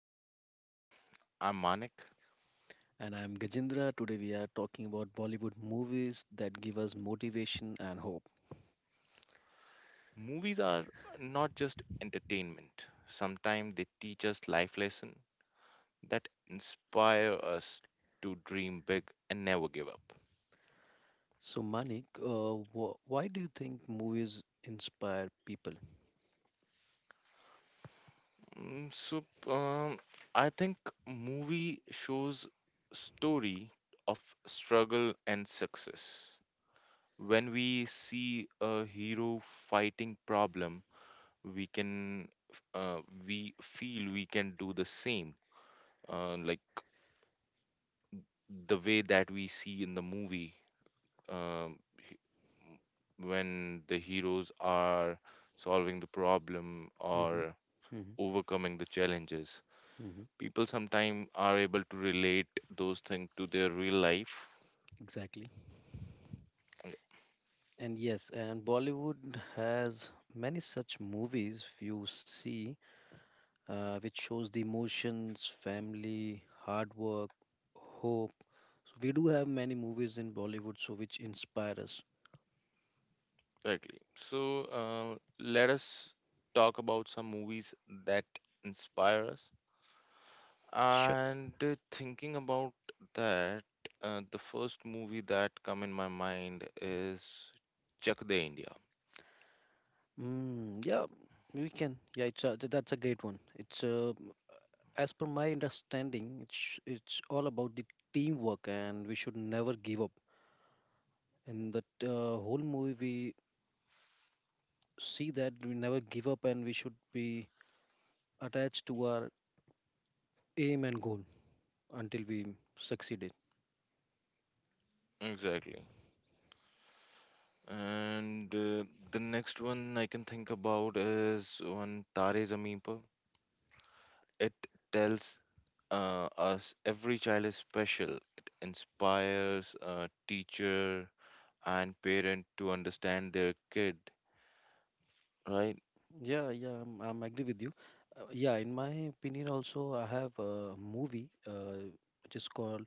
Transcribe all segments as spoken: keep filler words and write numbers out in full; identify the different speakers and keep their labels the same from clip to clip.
Speaker 1: That Inspire. I'm Manik.
Speaker 2: And I'm Gajendra. Today we are talking about Bollywood movies that give us motivation and hope.
Speaker 1: Movies are not just entertainment, sometimes they teach us life lessons that inspire us to dream big and never give up.
Speaker 2: So, Manik, uh, wh- why do you think movies inspire people?
Speaker 1: Mm, So, um, I think movie shows story of struggle and success. When we see a hero fighting problem, we can uh, we feel we can do the same, uh, like the way that we see in the movie, um, when the heroes are solving the problem
Speaker 2: Hmm.
Speaker 1: or
Speaker 2: Hmm.
Speaker 1: overcoming the challenges,
Speaker 2: Hmm.
Speaker 1: people sometimes are able to relate those things to their real life.
Speaker 2: Exactly.
Speaker 1: Yeah,
Speaker 2: And yes, and Bollywood has many such movies you see, uh, which shows the emotions, family, hard work, hope. So we do have many movies in Bollywood, so which inspire us.
Speaker 1: exactly, so uh, let us talk about some movies that inspire us.
Speaker 2: Sure.
Speaker 1: And uh, thinking about that, uh, the first movie that come in my mind is Chak De India.
Speaker 2: Mm, yeah, we can. Yeah, it's a, th- that's a great one. It's uh, as per my understanding, it's it's all about the teamwork, and we should never give up. In the uh, whole movie, we see that we never give up, and we should be attached to our aim and goal until we succeed it.
Speaker 1: Exactly. And uh, the next one I can think about is one Tare Zameen Par. It tells uh, us every child is special. It inspires a teacher and parent to understand their kid, right?
Speaker 2: Yeah, yeah, I'm, I'm agree with you. Uh, yeah, in my opinion, also, I have a movie uh, which is called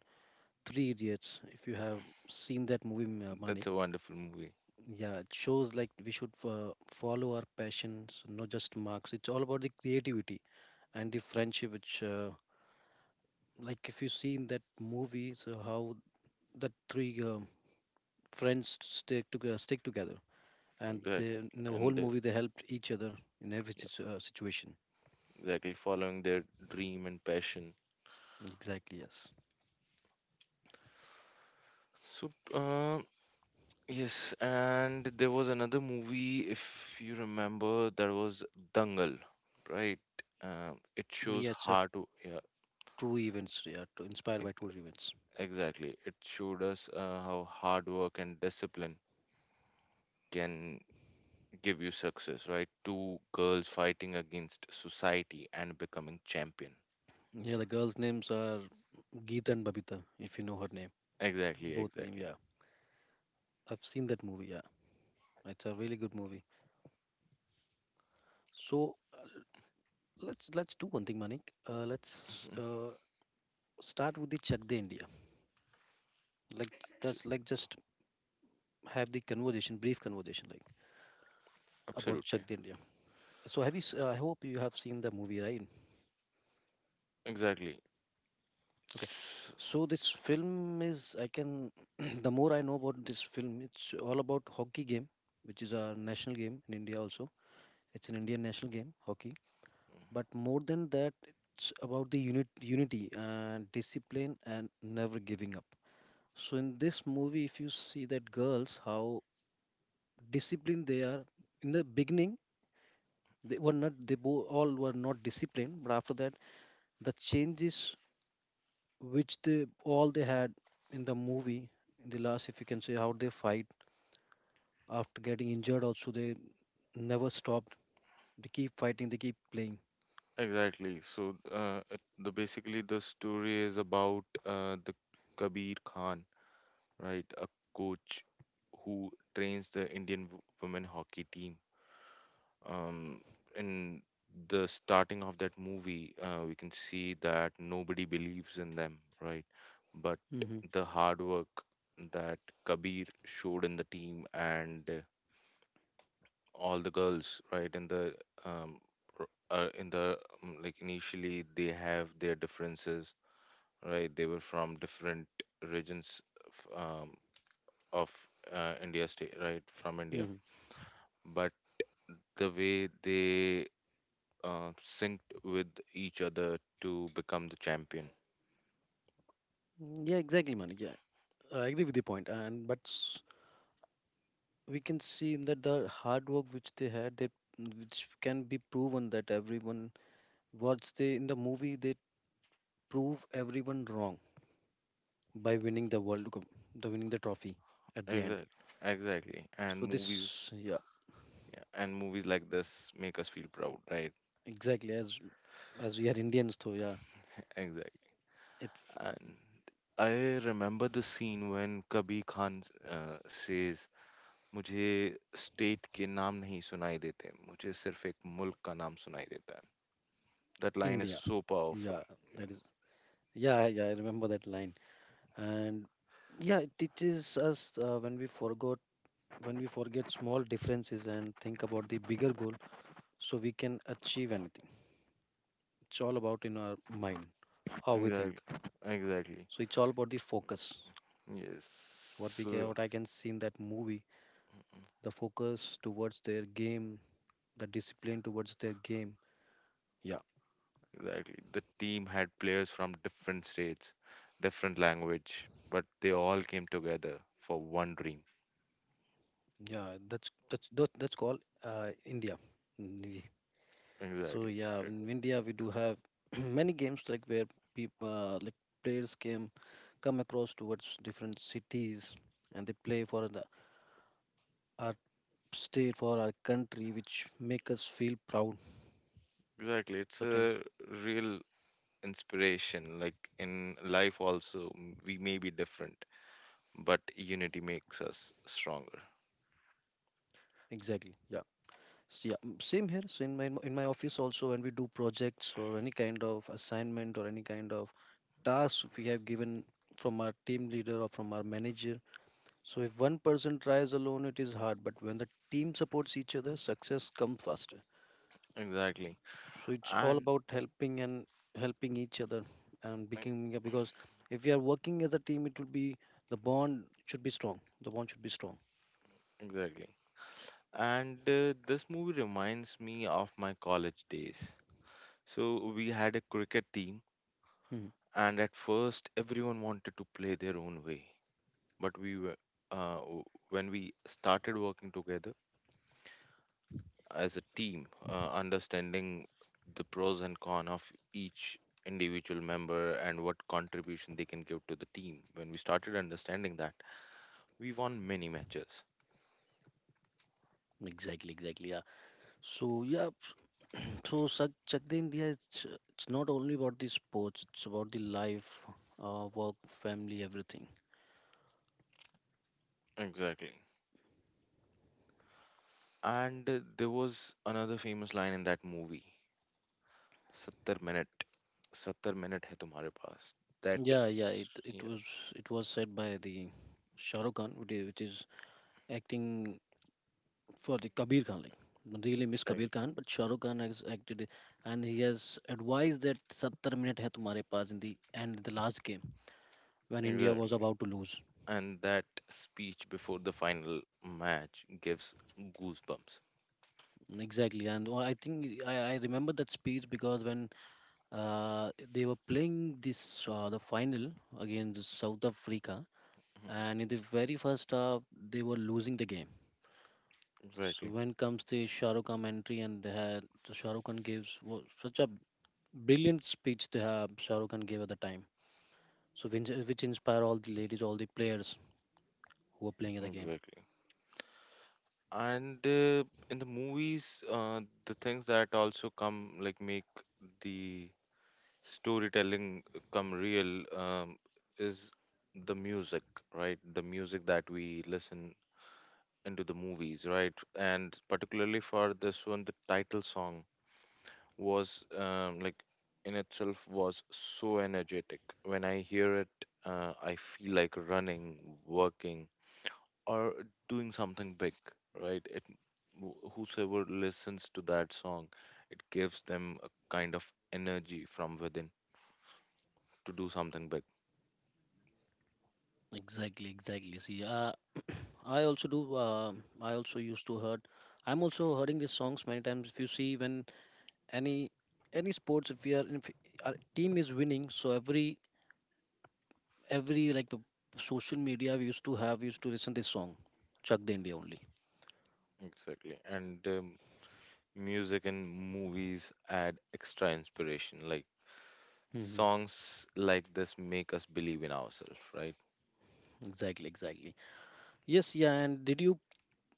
Speaker 2: Three Idiots. If you have seen that movie,
Speaker 1: That's
Speaker 2: Mani.
Speaker 1: a wonderful movie.
Speaker 2: Yeah, it shows like we should uh, follow our passions, not just marks. It's all about the creativity and the friendship, which, uh, like, if you see in that movie, so how that three uh, friends stick together, stick together, and they,
Speaker 1: Exactly.
Speaker 2: in the whole
Speaker 1: And uh,
Speaker 2: movie they helped each other in every situ- uh, situation.
Speaker 1: exactly following their dream and passion,
Speaker 2: Exactly, yes.
Speaker 1: so uh, yes, and there was another movie, if you remember, that was Dangal, right? Um it shows
Speaker 2: Yeah, it's a
Speaker 1: hard to, yeah.
Speaker 2: true events. Yeah, to, inspired by
Speaker 1: ex-
Speaker 2: true events.
Speaker 1: exactly it showed us uh, how hard work and discipline can give you success, right? Two girls fighting against society and becoming champion.
Speaker 2: Yeah, the girls' names are Geeta and Babita, if you know her name,
Speaker 1: Exactly,
Speaker 2: both name.
Speaker 1: exactly.
Speaker 2: Yeah, I've seen that movie. Yeah, it's a really good movie. So, Let's let's do one thing, Manik. Uh, let's
Speaker 1: Mhm.
Speaker 2: uh, start with the Chak De India. Like
Speaker 1: So-
Speaker 2: that's like just have the conversation, brief conversation, like about Chak
Speaker 1: Absolutely,
Speaker 2: De India. So have you? s- Uh, I hope you have seen the movie, right?
Speaker 1: exactly.
Speaker 2: Okay. So this film is I can the more I know about this film, it's all about hockey game, which is our national game in India also. It's an Indian national game, hockey. But more than that, it's about the unit, unity and discipline and never giving up. So in this movie, if you see that girls, how disciplined they are. In the beginning, they were not. They bo- all were not disciplined. But after that, the changes which they all they had in the movie, in the last, if you can say, how they fight after getting injured. Also, they never stopped. They keep fighting. They keep playing.
Speaker 1: Exactly. So, uh, it- the basically the story is about, uh, the Kabir Khan, right? A coach who trains the Indian w- women hockey team. Um, in the starting of that movie, uh, we can see that nobody believes in them, right? But
Speaker 2: Mm-hmm.
Speaker 1: the hard work that Kabir showed in the team and all the girls, right, in the um r- uh, in the um, like initially they have their differences, right? They were from different regions of, um, of uh, India, state, right? From India. But the way they uh, synced with each other to become the champion.
Speaker 2: Mm-hmm. Yeah, exactly, Manik. Yeah, I agree with the point. And but s- we can see in that the hard work which they had, that which can be proven that everyone, what's they, in the movie they prove everyone wrong by winning the World Cup, the winning the trophy at the end.
Speaker 1: Exactly, exactly. And
Speaker 2: So
Speaker 1: movies,
Speaker 2: this, yeah,
Speaker 1: yeah, and movies like this make us feel proud, right?
Speaker 2: exactly, as as we are Indians, so yeah,
Speaker 1: Exactly.
Speaker 2: it's
Speaker 1: And I remember the scene when Kabir Khan uh, says, मुझे state के नाम नहीं सुनाई देते मुझे सिर्फ एक मुल्क का नाम सुनाई देता है. That line is
Speaker 2: India.
Speaker 1: so powerful.
Speaker 2: Yeah,
Speaker 1: Yeah.
Speaker 2: that is. Yeah, yeah, I remember that line. And yeah, it teaches us uh, when we forgot when we forget small differences and think about the bigger goal, so we can achieve anything. It's all about in our mind how we
Speaker 1: Exactly.
Speaker 2: think.
Speaker 1: Exactly.
Speaker 2: So it's all about the focus.
Speaker 1: Yes.
Speaker 2: What we ca-
Speaker 1: So
Speaker 2: what I can see in that movie, the focus towards their game, the discipline towards their game. Yeah,
Speaker 1: exactly. The team had players from different states, different language, but they all came together for one dream.
Speaker 2: yeah, that's that's that, that's called uh, India. Mm, So
Speaker 1: Exactly.
Speaker 2: yeah,
Speaker 1: E-
Speaker 2: in India we do have many games like where people uh, like players came come across towards different cities and they play for the, our state for our country, which make us feel proud.
Speaker 1: Exactly. It's
Speaker 2: The time
Speaker 1: a real inspiration, like in life also, m- we may be different but unity makes us stronger.
Speaker 2: Exactly, yeah. So, yeah, mm, same here. So in my in my office also, when we do projects or any kind of assignment or any kind of tasks we have given from our team leader or from our manager. So if one person tries alone, it is hard. But when the team supports each other, success comes faster.
Speaker 1: Exactly,
Speaker 2: So it's all
Speaker 1: and
Speaker 2: about helping and helping each other, and
Speaker 1: e-
Speaker 2: becoming because if we are working as a team, it will be the bond should be strong. The bond should be strong.
Speaker 1: exactly. And uh, this movie reminds me of my college days. So we had a cricket team,
Speaker 2: Hmm.
Speaker 1: and at first everyone wanted to play their own way, but we were uh, w- when we started working together as a team, uh, understanding the pros and cons of each individual member and what contribution they can give to the team. When we started understanding that, we won many matches.
Speaker 2: Exactly, exactly. Yeah. So yeah, so Chak Chak De India, it's, it's not only about the sports. It's about the life, uh, work, family, everything.
Speaker 1: Exactly. And uh, there was another famous line in that movie, seventy minute, seventy minute hai tumhare paas. That
Speaker 2: Yeah, yeah, it
Speaker 1: s-
Speaker 2: it
Speaker 1: yeah,
Speaker 2: was it was said by the Shah Rukh Khan, which is, which is acting for the Kabir Khan. Like really miss Kabir
Speaker 1: Ex-
Speaker 2: Khan, but Shah Rukh Khan has acted and he has advised that seventy minute hai tumhare paas in the end the last game when India was
Speaker 1: exactly,
Speaker 2: about to lose.
Speaker 1: and that speech before the final match gives goosebumps.
Speaker 2: Exactly, and wha- I think I, I remember that speech because when uh, they were playing this uh, the final against South Africa,
Speaker 1: Mhm.
Speaker 2: and in the very first half they were losing the game. So
Speaker 1: Exactly.
Speaker 2: when comes the Shah Rukh Khan entry and they had the Shah Rukh Khan gives wa- such a brilliant speech they have Shah Rukh Khan gave at the time. So which, which inspire all the ladies, all the players who are playing at the game.
Speaker 1: Exactly. And uh, in the movies, uh, the things that also come like make the storytelling uh, come real, um, is the music, right? The music that we listen into the movies, right? And particularly for this one, the title song was, um, like, in itself was so energetic. When I hear it, uh, I feel like running, working, or doing something big, right? It, wh- whosoever listens to that song, it gives them a kind of energy from within to do something big.
Speaker 2: Exactly, exactly. See, uh, I also do. Uh, I also used to heard. I'm also hearing these songs many times. If you see when any any sports, if we are if our team is winning, so every every like the social media we used to have, we used to listen this song, Chak the India only.
Speaker 1: Exactly. And um, music and movies add extra inspiration. Like songs like this make us believe in ourselves, right?
Speaker 2: Exactly, exactly. Yes, yeah, and did you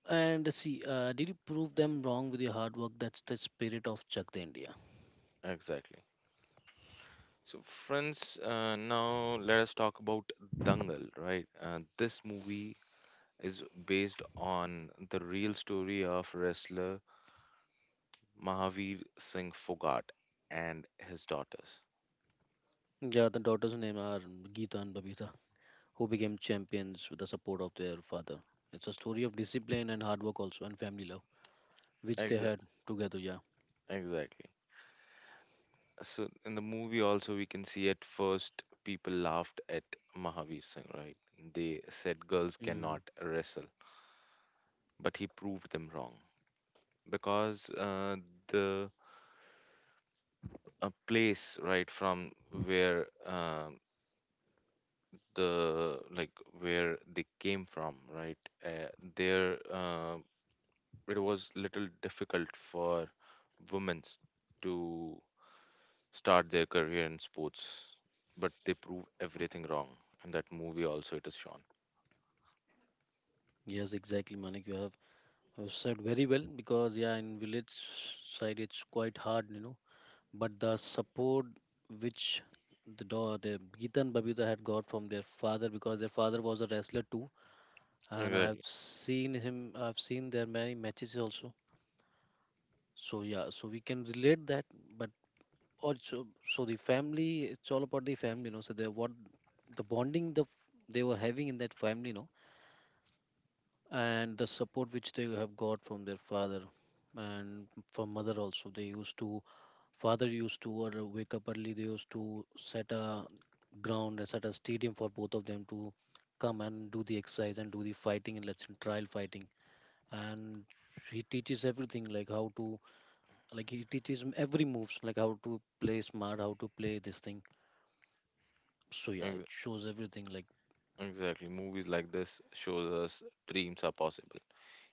Speaker 2: and see, uh, did you prove them wrong with your hard work? That's the spirit of Chak the India.
Speaker 1: Exactly. So, friends, uh, now let us talk about Dangal, right? Uh, this movie is based on the real story of wrestler Mahavir Singh Fogart and his daughters.
Speaker 2: Yeah, the daughters' name are Geeta and Babita, who became champions with the support of their father. It's a story of discipline and hard work also, and family love, which they
Speaker 1: Exa-
Speaker 2: had together. Yeah.
Speaker 1: exactly. So in the movie also we can see at first people laughed at Mahavir Singh, right? They said girls cannot
Speaker 2: Hmm.
Speaker 1: wrestle, but he proved them wrong, because uh, the a place, right, from where, uh, the like where they came from, right? Uh, there, uh, it was little difficult for women to start their career in sports, but they prove everything wrong. And that movie also it is shown.
Speaker 2: Yes, exactly, Manik. You have uh, said very well because yeah, in village side it's quite hard, you know, but the support which the do- the Geetan Babita had got from their father because their father was a wrestler too, and I
Speaker 1: Exactly.
Speaker 2: have seen him. I've seen their many matches also. So yeah, so we can relate that, but also so the family. It's all about the family, you know. So they what the bonding the f- they were having in that family, you know, and the support which they have got from their father and from mother also. They used to Father used to or uh, wake up early, they used to set a ground and set a stadium for both of them to come and do the exercise and do the fighting, and let's say trial fighting, and he teaches everything like how to, like he teaches him every moves, like how to play smart, how to play this thing, so yeah, it
Speaker 1: ex-
Speaker 2: shows everything like,
Speaker 1: Exactly. Movies like this shows us dreams are possible,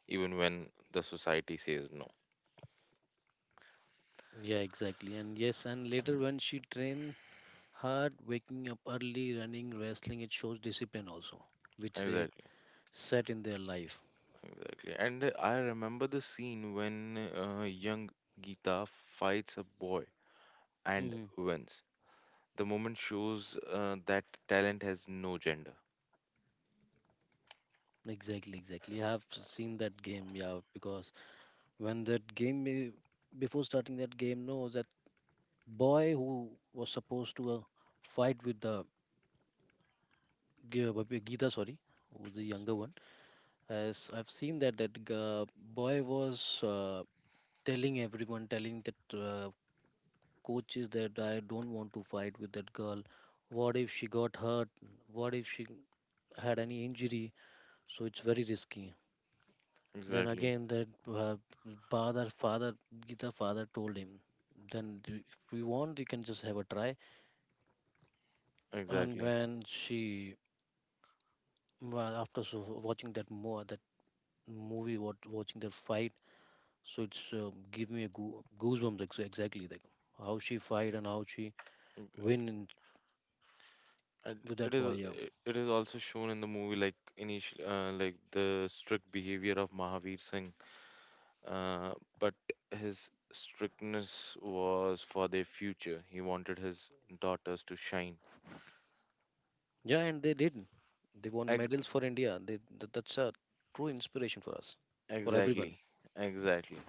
Speaker 1: even when the society says no.
Speaker 2: yeah, exactly. And yes, and later when she trained hard, waking up early, running, wrestling, it shows discipline also which they
Speaker 1: Exactly.
Speaker 2: set in their life.
Speaker 1: Exactly. And uh, I remember the scene when, uh, young Gita fights a boy and
Speaker 2: Hmm.
Speaker 1: wins. The moment shows uh, that talent has no gender.
Speaker 2: Exactly, exactly. I have seen that game, yeah, because when that game, be- before starting that game, no, that boy who was supposed to uh, fight with the Ge- Bhagavad Gita, sorry, who was the younger one, as I've seen that that uh, boy was uh, telling everyone, telling that uh, coaches that I don't want to fight with that girl. What if she got hurt? What if she had any injury? So it's very risky. Then
Speaker 1: Exactly.
Speaker 2: again, that uh, father, father, Gita father told him, then do- if you want, you can just have a try. And
Speaker 1: Exactly.
Speaker 2: when she, well, after so watching that more that movie, what watching that fight, so it's uh, give me a goo goosebumps ex exactly like how she fight and how she win in,
Speaker 1: And
Speaker 2: with
Speaker 1: it
Speaker 2: that boy.
Speaker 1: is
Speaker 2: Yeah,
Speaker 1: it it is also shown in the movie, like initial, uh, like the strict behavior of Mahavir Singh, uh, but his strictness was for their future. He wanted his daughters to shine.
Speaker 2: yeah, and they did. They won
Speaker 1: Ex-
Speaker 2: medals for India. They, that, that's a true inspiration for us, for everyone.
Speaker 1: exactly, exactly.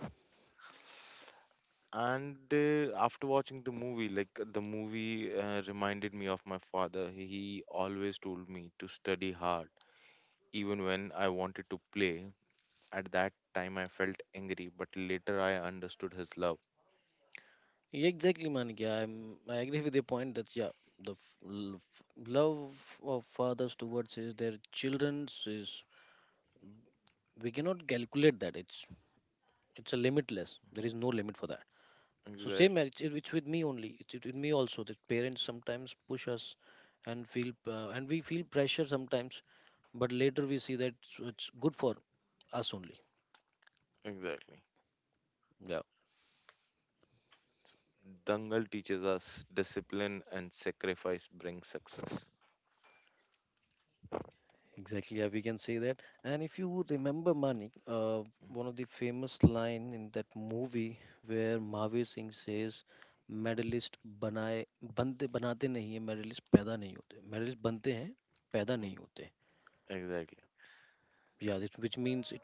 Speaker 1: And uh, after watching the movie, like the movie, uh, reminded me of my father. He always told me to study hard, even when I wanted to play. At that time, I felt angry, but later I understood his love.
Speaker 2: Exactly, Manik. Yeah, I'm, I agree with your point that yeah, the f- l- f- love of fathers towards is their children's is we cannot calculate that. It's it's a limitless. There is no limit for that. So same,
Speaker 1: Exactly,
Speaker 2: it's, it's with me only. It's with me also. That parents sometimes push us, and feel uh, and we feel pressure sometimes, but later we see that it's, it's good for us only.
Speaker 1: exactly.
Speaker 2: Yeah.
Speaker 1: Dangal teaches us discipline and sacrifice brings success.
Speaker 2: Exactly, yeah, we can say that. And if you remember Manik, uh, one of the famous line in that movie where Mahavir Singh says, "medalist बनाए बनते बनाते नहीं है, medallist पैदा नहीं होते, medallist बनते हैं, पैदा नहीं
Speaker 1: Mm.
Speaker 2: होते,"
Speaker 1: Exactly,
Speaker 2: yeah this, which means it,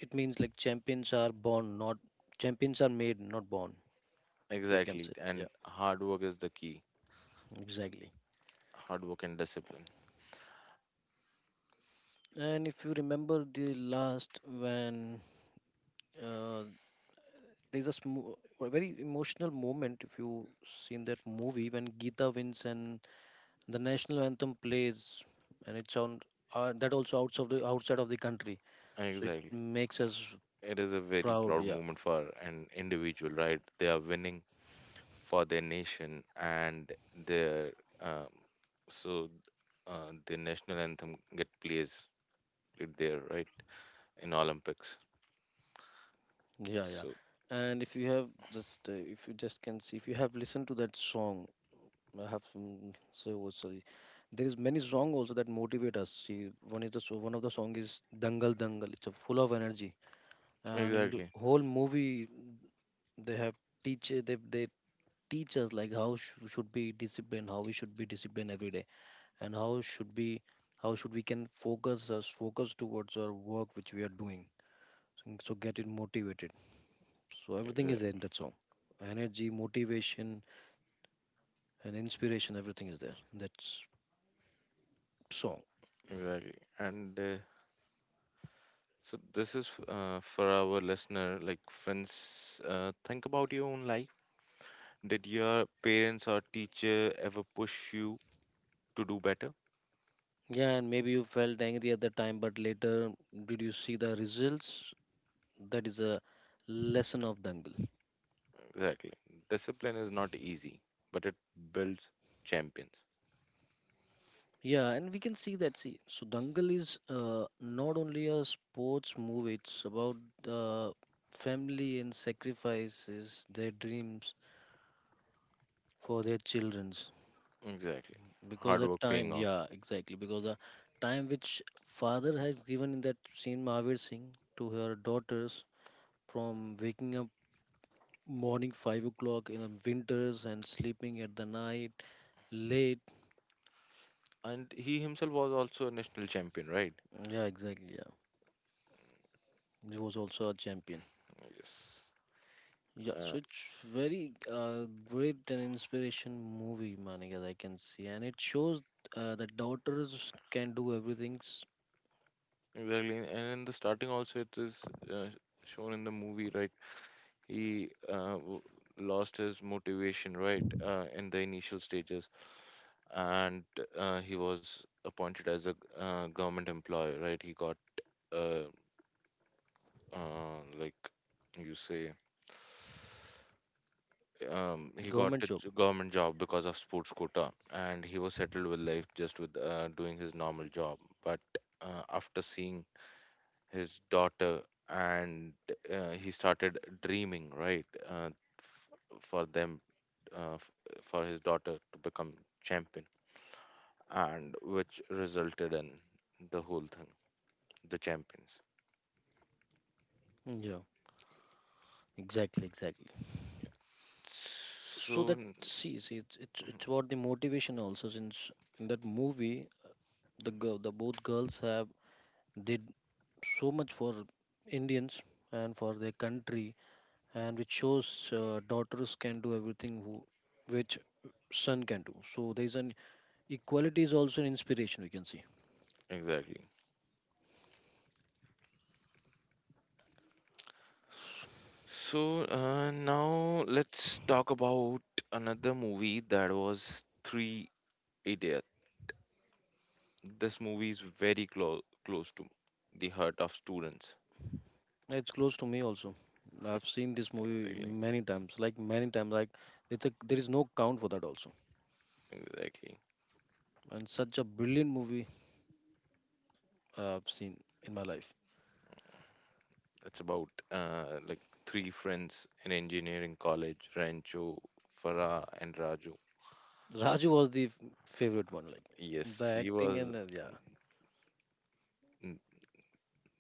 Speaker 2: it means like champions are born not, champions are made not born. We can say
Speaker 1: exactly.
Speaker 2: that,
Speaker 1: And
Speaker 2: yeah,
Speaker 1: hard work is the key.
Speaker 2: exactly.
Speaker 1: Hard work and discipline.
Speaker 2: And if you remember the last when uh, there's a, smo- a very emotional moment, if you seen that movie, when Gita wins and the national anthem plays, and it's on uh, that also outside of the outside of the country, so it
Speaker 1: Exactly.
Speaker 2: makes us
Speaker 1: It is a very
Speaker 2: proud.
Speaker 1: proud
Speaker 2: Yeah,
Speaker 1: moment for an individual, right? They are winning for their nation and their um, so, uh, the national anthem get plays played there, right? In Olympics.
Speaker 2: yeah, yeah.
Speaker 1: So
Speaker 2: And if you have just uh, if you just can see if you have listened to that song, I have mm, so sorry. There is many song also that motivate us. See, one is the so one of the song is Dangal Dangal. It's a full of energy, and in the
Speaker 1: exactly,
Speaker 2: whole movie they have teach they they teach us like how sh- should be disciplined, how we should be disciplined every day and how should be how should we can focus us focus towards our work which we are doing, so, so get it motivated, so everything
Speaker 1: exactly,
Speaker 2: is in that song, energy, motivation and inspiration, everything is there in that s- song.
Speaker 1: exactly. And uh, so this is, uh, for our listener, like friends, uh, think about your own life. Did your parents or teacher ever push you to do better?
Speaker 2: Yeah, and maybe you felt angry at the time, but later did you see the results? That is a lesson of Dangal.
Speaker 1: Exactly. Discipline is not easy, but it builds champions.
Speaker 2: Yeah, and we can see that. See, so Dangal is uh, not only a sports movie, it's about the family and sacrifices their dreams for their children's.
Speaker 1: Exactly.
Speaker 2: Because
Speaker 1: Hard
Speaker 2: the
Speaker 1: work paying
Speaker 2: time,
Speaker 1: off.
Speaker 2: yeah, exactly. Because the time which father has given in that scene, Mahavir Singh, to her daughters, from waking up morning five o'clock in a winters and sleeping at the night late.
Speaker 1: And he himself was also a national champion, right?
Speaker 2: Yeah, exactly. Yeah, he was also a champion.
Speaker 1: Yes.
Speaker 2: Yeah,
Speaker 1: Uh,
Speaker 2: so it's very uh, great and inspiration movie, Manik, as I can see, and it shows uh, that daughters can do everything's.
Speaker 1: exactly. And in the starting also it is, uh, shown in the movie, right? He, uh, w- lost his motivation, right? Uh, in the initial stages, and uh, he was appointed as a, uh, government employee, right? He got, uh, uh, like you say, um, he got
Speaker 2: Government
Speaker 1: a
Speaker 2: job.
Speaker 1: j- government job because of sports quota, and he was settled with life, just with uh, doing his normal job. But uh, after seeing his daughter, and uh, he started dreaming, right, uh, f- for them, uh, f- for his daughter to become champion, and which resulted in the whole thing, the champions.
Speaker 2: Yeah, exactly, exactly. So
Speaker 1: So,
Speaker 2: that,
Speaker 1: n-
Speaker 2: see, see, it's it's it's about the motivation also. Since in that movie, the girl, the both girls have did so much for Indians and for their country, and which shows uh, daughters can do everything who, which son can do. So there's an equality is also an inspiration, we can see.
Speaker 1: exactly. So, uh, now let's talk about another movie that was Three Idiots. This movie is very close close to the heart of students.
Speaker 2: It's close to me also. I've seen this movie
Speaker 1: Exactly.
Speaker 2: many times, like many times. Like it's a, there is no count for that also.
Speaker 1: Exactly.
Speaker 2: And such a brilliant movie uh, I've seen in my life.
Speaker 1: It's about, uh, like, three friends in engineering college, Rancho, Farah, and Raju.
Speaker 2: Raju was the f- favorite one, like the
Speaker 1: Yes, he
Speaker 2: acting
Speaker 1: was,
Speaker 2: and uh, yeah,
Speaker 1: mm,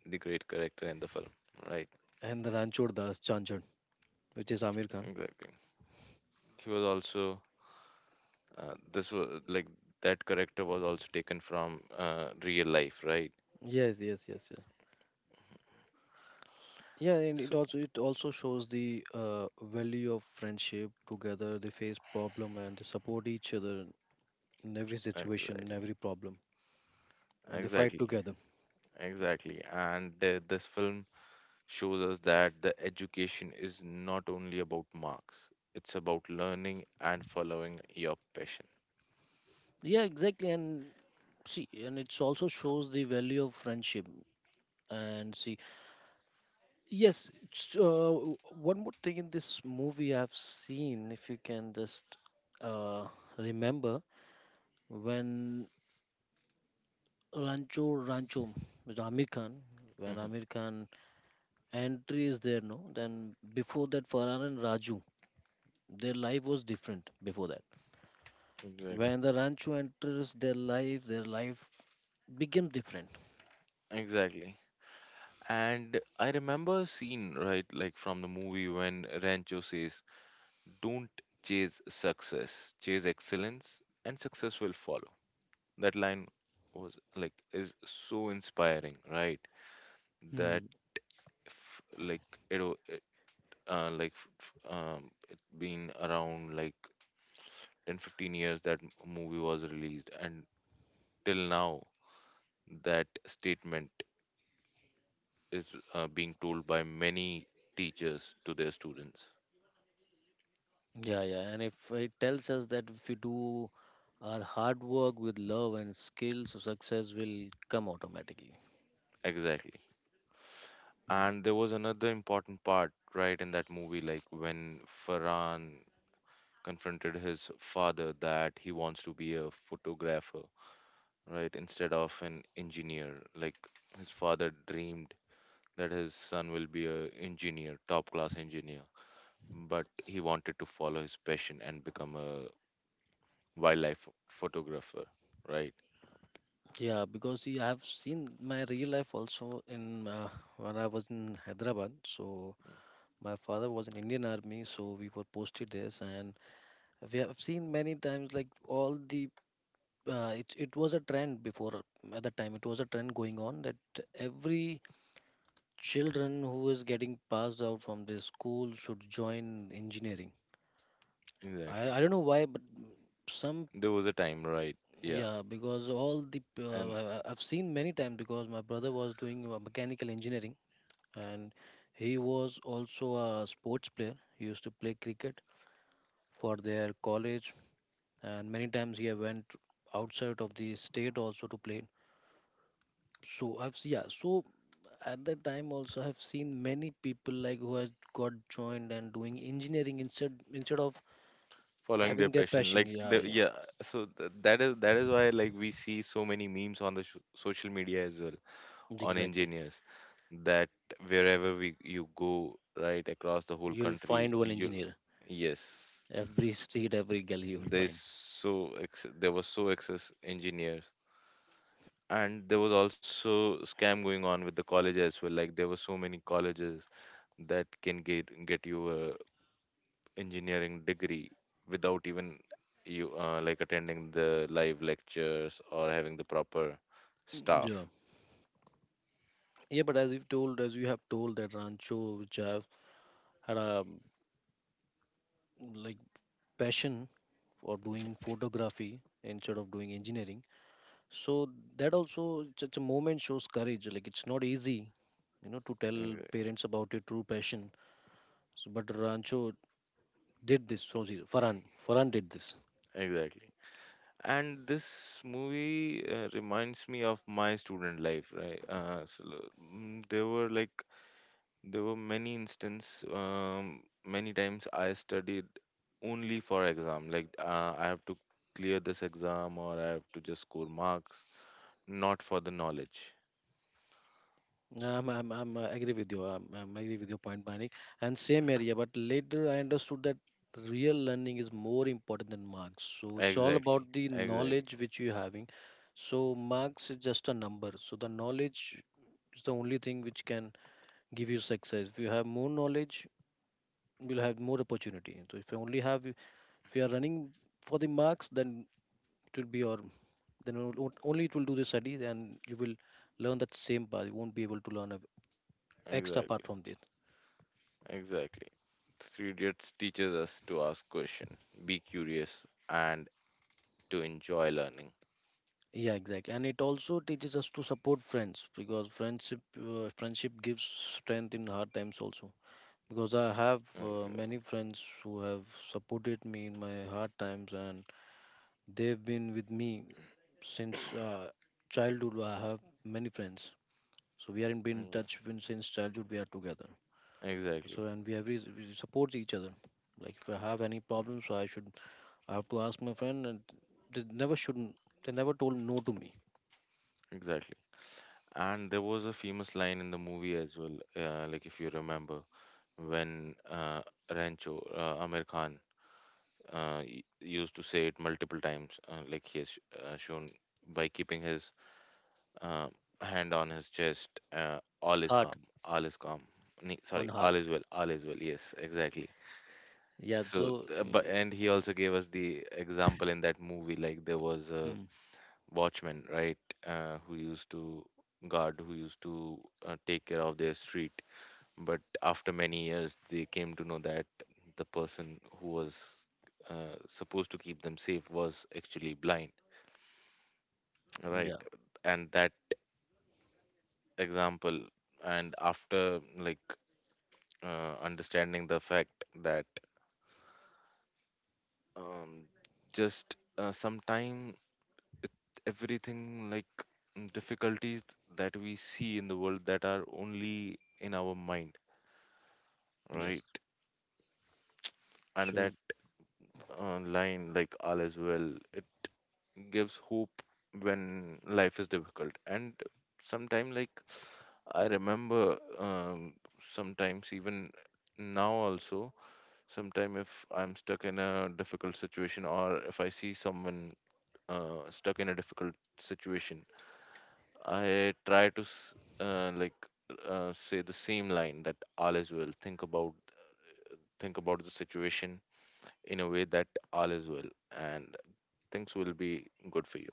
Speaker 1: the great character in the film, right?
Speaker 2: and the Ranchod Das Chanchan, which is Amir Khan.
Speaker 1: Exactly. He was also, uh, this was like that character was also taken from, uh, real life, right?
Speaker 2: Yes, yes, yes, yes. Yeah, and it
Speaker 1: So
Speaker 2: also it also shows the uh, value of friendship. Together, they face problem and they support each other in every situation, in
Speaker 1: exactly,
Speaker 2: every problem. And they fight
Speaker 1: exactly,
Speaker 2: together.
Speaker 1: exactly. And uh, this film shows us that the education is not only about marks; it's about learning and following your passion.
Speaker 2: Yeah, exactly. And see, and it also shows the value of friendship. And see, yes, it's, uh, one more thing in this movie I've seen, if you can just uh, remember, when rancho rancho with Amir Khan, when
Speaker 1: Mhm.
Speaker 2: Amir Khan entry is there no, then before that Farhan and Raju, their life was different before that.
Speaker 1: Exactly.
Speaker 2: When the Rancho enters their life, their life became different.
Speaker 1: Exactly. And I remember a scene, right, like from the movie when Rancho says, don't chase success, chase excellence, and success will follow. That line was like is so inspiring, right? That f- like it, o- it, uh, like, f- f- um, it been around like ten, fifteen years that m- movie was released, and till now that statement is, uh, being told by many teachers to their students.
Speaker 2: Yeah, yeah. And if it tells us that if we do our hard work with love and skill, so success will come automatically.
Speaker 1: Exactly.
Speaker 2: Mm.
Speaker 1: And there was another important part, right, in that movie, like when Farhan confronted his father that he wants to be a photographer, right, instead of an engineer. Like his father dreamed that his son will be a engineer, top class engineer, but he wanted to follow his passion and become a wildlife photographer, right?
Speaker 2: Yeah, because see, I have seen my real life also in uh, when I was in Hyderabad. So my father was in Indian Army, so we were posted there, and we have seen many times like all the uh, it it was a trend before um, at the time it was a trend going on that every children who is getting passed out from the school should join engineering. I,
Speaker 1: Exactly.
Speaker 2: I don't know why, but some,
Speaker 1: There was a time, right? Yeah.
Speaker 2: yeah, because all the p- uh,
Speaker 1: And
Speaker 2: I- I've seen many times because my brother was doing uh, mechanical engineering, and he was also a sports player. He used to play cricket for their college, and many times he went outside of the state also to play. So I've s- yeah, so at that time also I've seen many people like who has got joined and doing engineering instead instead of
Speaker 1: following their
Speaker 2: having their
Speaker 1: passion
Speaker 2: passion.
Speaker 1: like
Speaker 2: Yeah,
Speaker 1: the,
Speaker 2: yeah,
Speaker 1: yeah, so, th- that is that is why, like, we see so many memes on the, sh- social media as well on
Speaker 2: exactly.
Speaker 1: engineers, that wherever we you go, right, across the whole
Speaker 2: You'll find
Speaker 1: country,
Speaker 2: one
Speaker 1: you'll.
Speaker 2: engineer.
Speaker 1: Yes,
Speaker 2: Every street, every gully you will
Speaker 1: there's
Speaker 2: find.
Speaker 1: so ex- there was so excess engineers, and there was also scam going on with the college as well, like there were so many colleges that can get get you a engineering degree without even you, uh, like attending the live lectures or having the proper
Speaker 2: Mm, yeah,
Speaker 1: staff.
Speaker 2: yeah, but as you've told, as you have told that Rancho Jav had a mm, like passion for doing photography instead of doing engineering. So that also such a moment shows courage. Like it's not easy, you know, to tell
Speaker 1: Exac-
Speaker 2: parents about your true passion. So, but Rancho did this. So see, Farhan, Farhan did this.
Speaker 1: exactly, and this movie, uh, reminds me of my student life, right, uh, so, mm, there were like there were many instances, um, many times I studied only for exam, like, uh, I have to clear this exam or I have to just score marks, not for the knowledge.
Speaker 2: Um, I'm, I'm, I agree with you. I'm I agree with your point, Manik. And same area, but later I understood that real learning is more important than marks. So it's all
Speaker 1: Exactly.
Speaker 2: about the
Speaker 1: Exactly.
Speaker 2: knowledge which you're having. So marks is just a number. So the knowledge is the only thing which can give you success. If you have more knowledge, you'll have more opportunity. So if you only have, if you are running for the marks, then it will be your, then o- o- only it will do the studies and you will learn that same path. You won't be able to learn a extra apart
Speaker 1: Exactly.
Speaker 2: from this.
Speaker 1: Exactly. Three Idiots teaches us to ask question, be curious, and to enjoy learning.
Speaker 2: Yeah, exactly. And it also teaches us to support friends because friendship uh, friendship gives strength in hard times also. Because I have uh,
Speaker 1: Okay.
Speaker 2: many friends who have supported me in my hard times, and they've been with me since uh, childhood. I have many friends. So we are in been in
Speaker 1: Okay.
Speaker 2: touch when- since childhood we are together.
Speaker 1: Exactly.
Speaker 2: So and we have re- we support each other. Like if I have any problems, I should I have to ask my friend, and they never shouldn't they never told no to me.
Speaker 1: Exactly. And there was a famous line in the movie as well, uh, like, if you remember, when, uh, Rancho, uh, Amir Khan, uh, y- used to say it multiple times, uh, like he has, sh- uh, shown by keeping his, uh, hand on his chest, uh, all is
Speaker 2: Heart
Speaker 1: calm, all is calm. Ne-
Speaker 2: on
Speaker 1: Sorry,
Speaker 2: heart.
Speaker 1: all is well, all is well. Yes, exactly.
Speaker 2: Yeah,
Speaker 1: So,
Speaker 2: so
Speaker 1: uh, but
Speaker 2: uh,
Speaker 1: and he also gave us the example in that movie, like there was a
Speaker 2: hmm,
Speaker 1: watchmen, right, uh, who used to guard, who used to uh, take care of their street. But after many years, they came to know that the person who was uh, supposed to keep them safe was actually blind, right?
Speaker 2: yeah,
Speaker 1: And that example, and after like uh, understanding the fact that um, just uh, sometime everything like mm, difficulties that we see in the world that are only in our mind, right?
Speaker 2: yes.
Speaker 1: And
Speaker 2: So
Speaker 1: that uh, line, like all is well, it gives hope when life is difficult. And sometime, like I remember, um, sometimes even now also, sometime if I'm stuck in a difficult situation or if I see someone uh, stuck in a difficult situation, I try to s- uh, like uh, say the same line that all is well. Think about think about the situation in a way that all is well. And things will be good for you.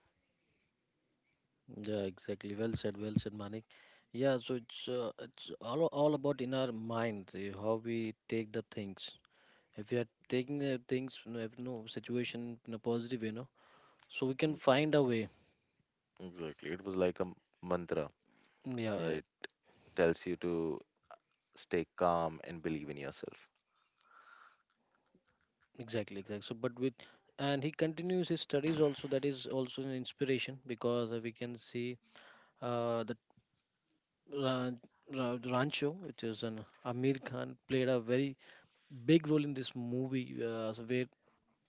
Speaker 2: yeah, exactly. Well said, well said, Manik. Yeah, so it's uh, it's all all about in our mind uh, how we take the things. If we are taking the things, you know, if no situation in a positive, you know, so we can
Speaker 1: Okay.
Speaker 2: find a way.
Speaker 1: Exactly. It was like a m- mantra,
Speaker 2: Yeah, yeah,
Speaker 1: right? Tells you to stay calm and believe in yourself.
Speaker 2: exactly, exactly. So, but with, and he continues his studies also. That is also an inspiration because uh, we can see uh, that Ra- Ra- Rancho, which is an Amir Khan, played a very big role in this movie, uh, so where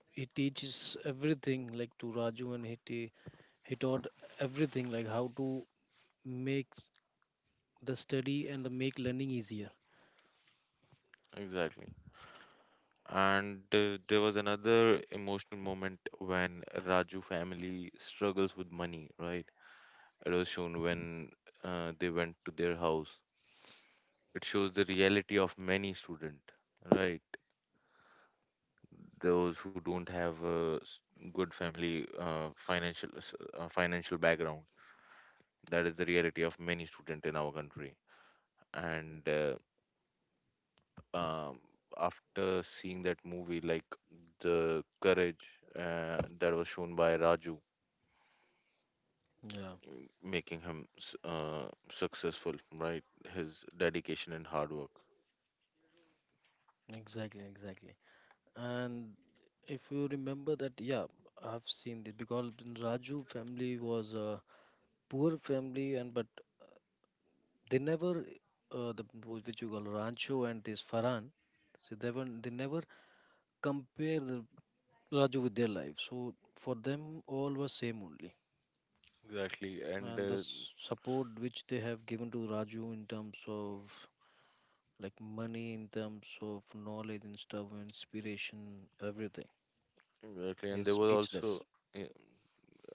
Speaker 2: he teaches everything like to Raju, and he te- he taught everything like how to make the study and the make learning easier.
Speaker 1: Exactly. And uh, there was another emotional moment when Raju family struggles with money, right? It was shown when uh, they went to their house. It shows the reality of many student, right? Those who don't have a s- good family uh, financial s- uh, financial background. That is the reality of many students in our country. And uh, um, after seeing that movie, like the courage uh, that was shown by Raju,
Speaker 2: Yeah,
Speaker 1: making him s- uh, successful, right? His dedication and hard work.
Speaker 2: exactly, exactly. And if you remember that, yeah, I've seen this because in Raju family was a poor family, and but they never uh, the which you call Rancho and this Farhan, so they were, they never compare the Raju with their life. So for them, all was same only,
Speaker 1: Exactly, and
Speaker 2: and the
Speaker 1: uh,
Speaker 2: s- support which they have given to Raju in terms of like money, in terms of knowledge and stuff, inspiration, everything
Speaker 1: exactly, and
Speaker 2: is
Speaker 1: there was
Speaker 2: speechless.
Speaker 1: also eh,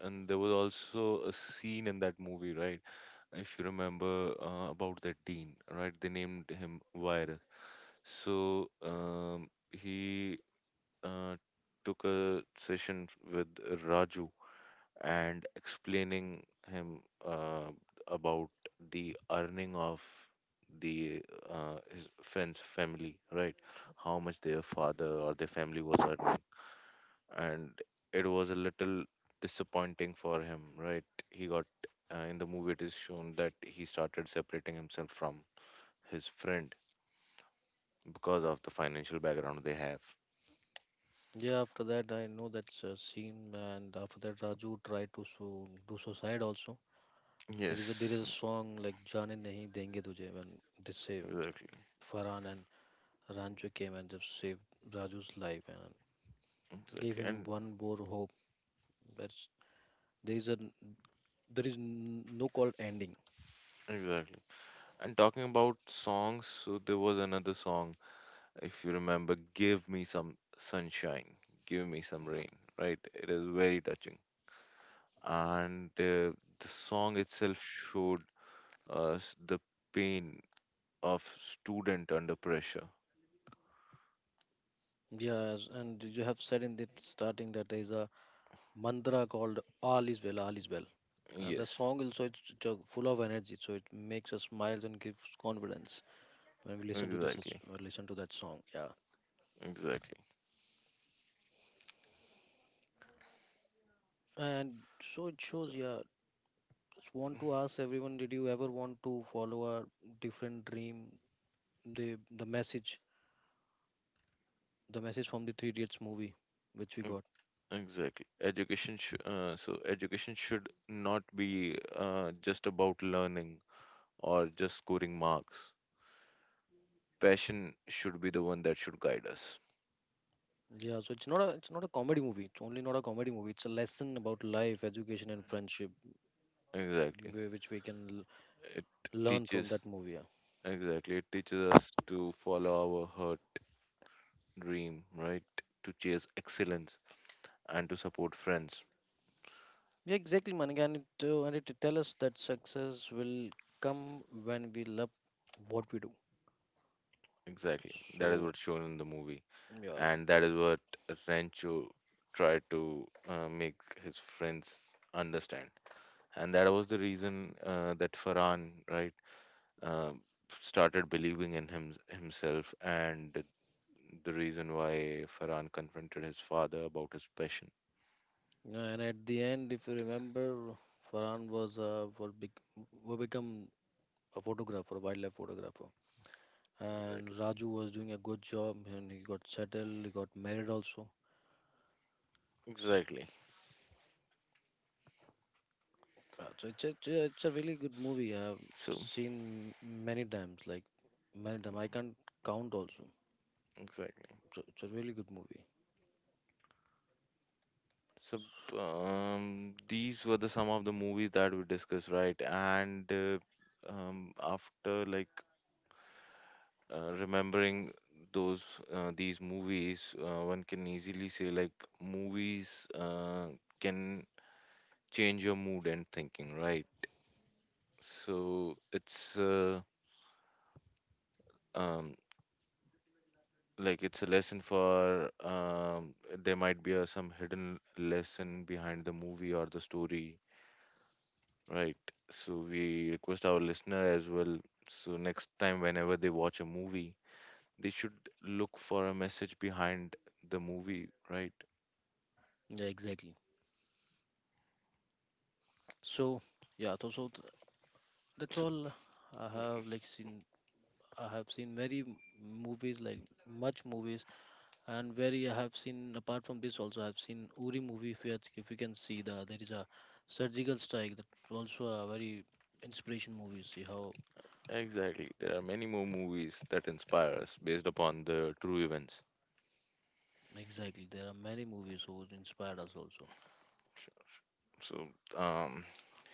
Speaker 1: and there was also a scene in that movie, right? If you remember uh, about that dean, right? They named him Virus. So um, he uh, took a session with Raju and explaining him uh, about the earning of the uh, his friend's family, right? How much their father or their family was earning, and it was a little disappointing for him, right? He got uh, in the movie it is shown that he started separating himself from his friend because of the financial background they have.
Speaker 2: Yeah, after that I know that's a scene, and after that Raju tried to so, do suicide also. There is a, there
Speaker 1: Yes,
Speaker 2: is a song like "Jaane Nahi Denge Tujhe" when they saved
Speaker 1: exactly,
Speaker 2: Farhan, and Rancho came and just saved Raju's life and gave
Speaker 1: exactly,
Speaker 2: him
Speaker 1: and
Speaker 2: one more hope. That there is a, there is no called ending.
Speaker 1: exactly. And talking about songs, so there was another song, if you remember, Give Me Some Sunshine, Give Me Some Rain, right? It is very touching. And uh, the song itself showed us the pain of student under pressure.
Speaker 2: Yes, and you have said in the starting that there is a mantra called all is well, all is well, and the
Speaker 1: Yes,
Speaker 2: song also it's ju- full of energy, so it makes us smile and gives confidence when we listen to this s-
Speaker 1: exactly,
Speaker 2: uh, listen to that song. Yeah,
Speaker 1: exactly.
Speaker 2: and so it
Speaker 1: So,
Speaker 2: shows, yeah, just want to ask everyone, did you ever want to follow a different dream? The the message, the message from the Three Idiots movie which we got.
Speaker 1: e- exactly. Education sh uh, so education should not be uh, just about learning or just scoring marks. Passion should be the one that should guide us.
Speaker 2: Yeah, so it's not a, it's not a comedy movie. It's only not a comedy movie. It's a lesson about life, education, and friendship,
Speaker 1: Exactly.
Speaker 2: whi- which we can l-
Speaker 1: It
Speaker 2: learn from
Speaker 1: teaches,
Speaker 2: that movie. Yeah,
Speaker 1: exactly, it teaches us to follow our heart dream, right? To chase excellence and to support friends.
Speaker 2: yeah, exactly, man. And it uh, and it tell us that success will come when we love what we do.
Speaker 1: Exactly. That is
Speaker 2: So
Speaker 1: what's shown in the movie.
Speaker 2: yeah,
Speaker 1: And that
Speaker 2: so
Speaker 1: is what Rancho tried to uh, make his friends understand. And that was the reason uh, that Farhan, right, uh, started believing in him, himself and the reason why Farhan confronted his father about his passion.
Speaker 2: yeah, and at the end, if you remember, Farhan was uh, for big will become a photographer, a wildlife photographer, and
Speaker 1: Exactly.
Speaker 2: Raju was doing a good job, and he got settled, he got married also.
Speaker 1: Exactly.
Speaker 2: Uh, So it's a, it's a, it's a really good movie. I've
Speaker 1: So,
Speaker 2: seen many times, like many times. I can't count also.
Speaker 1: exactly.
Speaker 2: So it's a really good movie.
Speaker 1: So, b- um, these were the some of the movies that we discussed, right? And uh, um, after like uh, remembering those uh, these movies, uh, one can easily say like movies uh, can change your mood and thinking, right? So it's uh, um like it's a lesson for um, there might be a, some hidden lesson behind the movie or the story, right? So we request our listener as well, so next time whenever they watch a movie they should look for a message behind the movie, right?
Speaker 2: Yeah, exactly. So yeah, so, so th- that's
Speaker 1: So,
Speaker 2: all I
Speaker 1: yeah,
Speaker 2: have like seen. I have seen many m- movies, like much movies, and very I have seen apart from this also, I have seen Uri movie. If you had- if you can see, the there is a surgical strike. That's also a very inspiration movie. See how,
Speaker 1: exactly, there are many more movies that inspire us based upon the true events.
Speaker 2: exactly, there are many movies who inspired us also.
Speaker 1: So um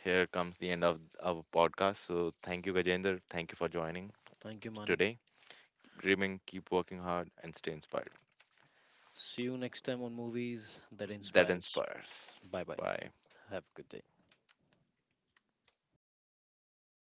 Speaker 1: here comes the end of our podcast. So thank you, Gajender, thank you for joining
Speaker 2: Thank you, Manik.
Speaker 1: today, dreaming, keep working hard, and stay inspired.
Speaker 2: See you next time on Movies That
Speaker 1: That
Speaker 2: Inspire Us.
Speaker 1: inspires.
Speaker 2: Bye bye.
Speaker 1: Bye.
Speaker 2: Have a good day.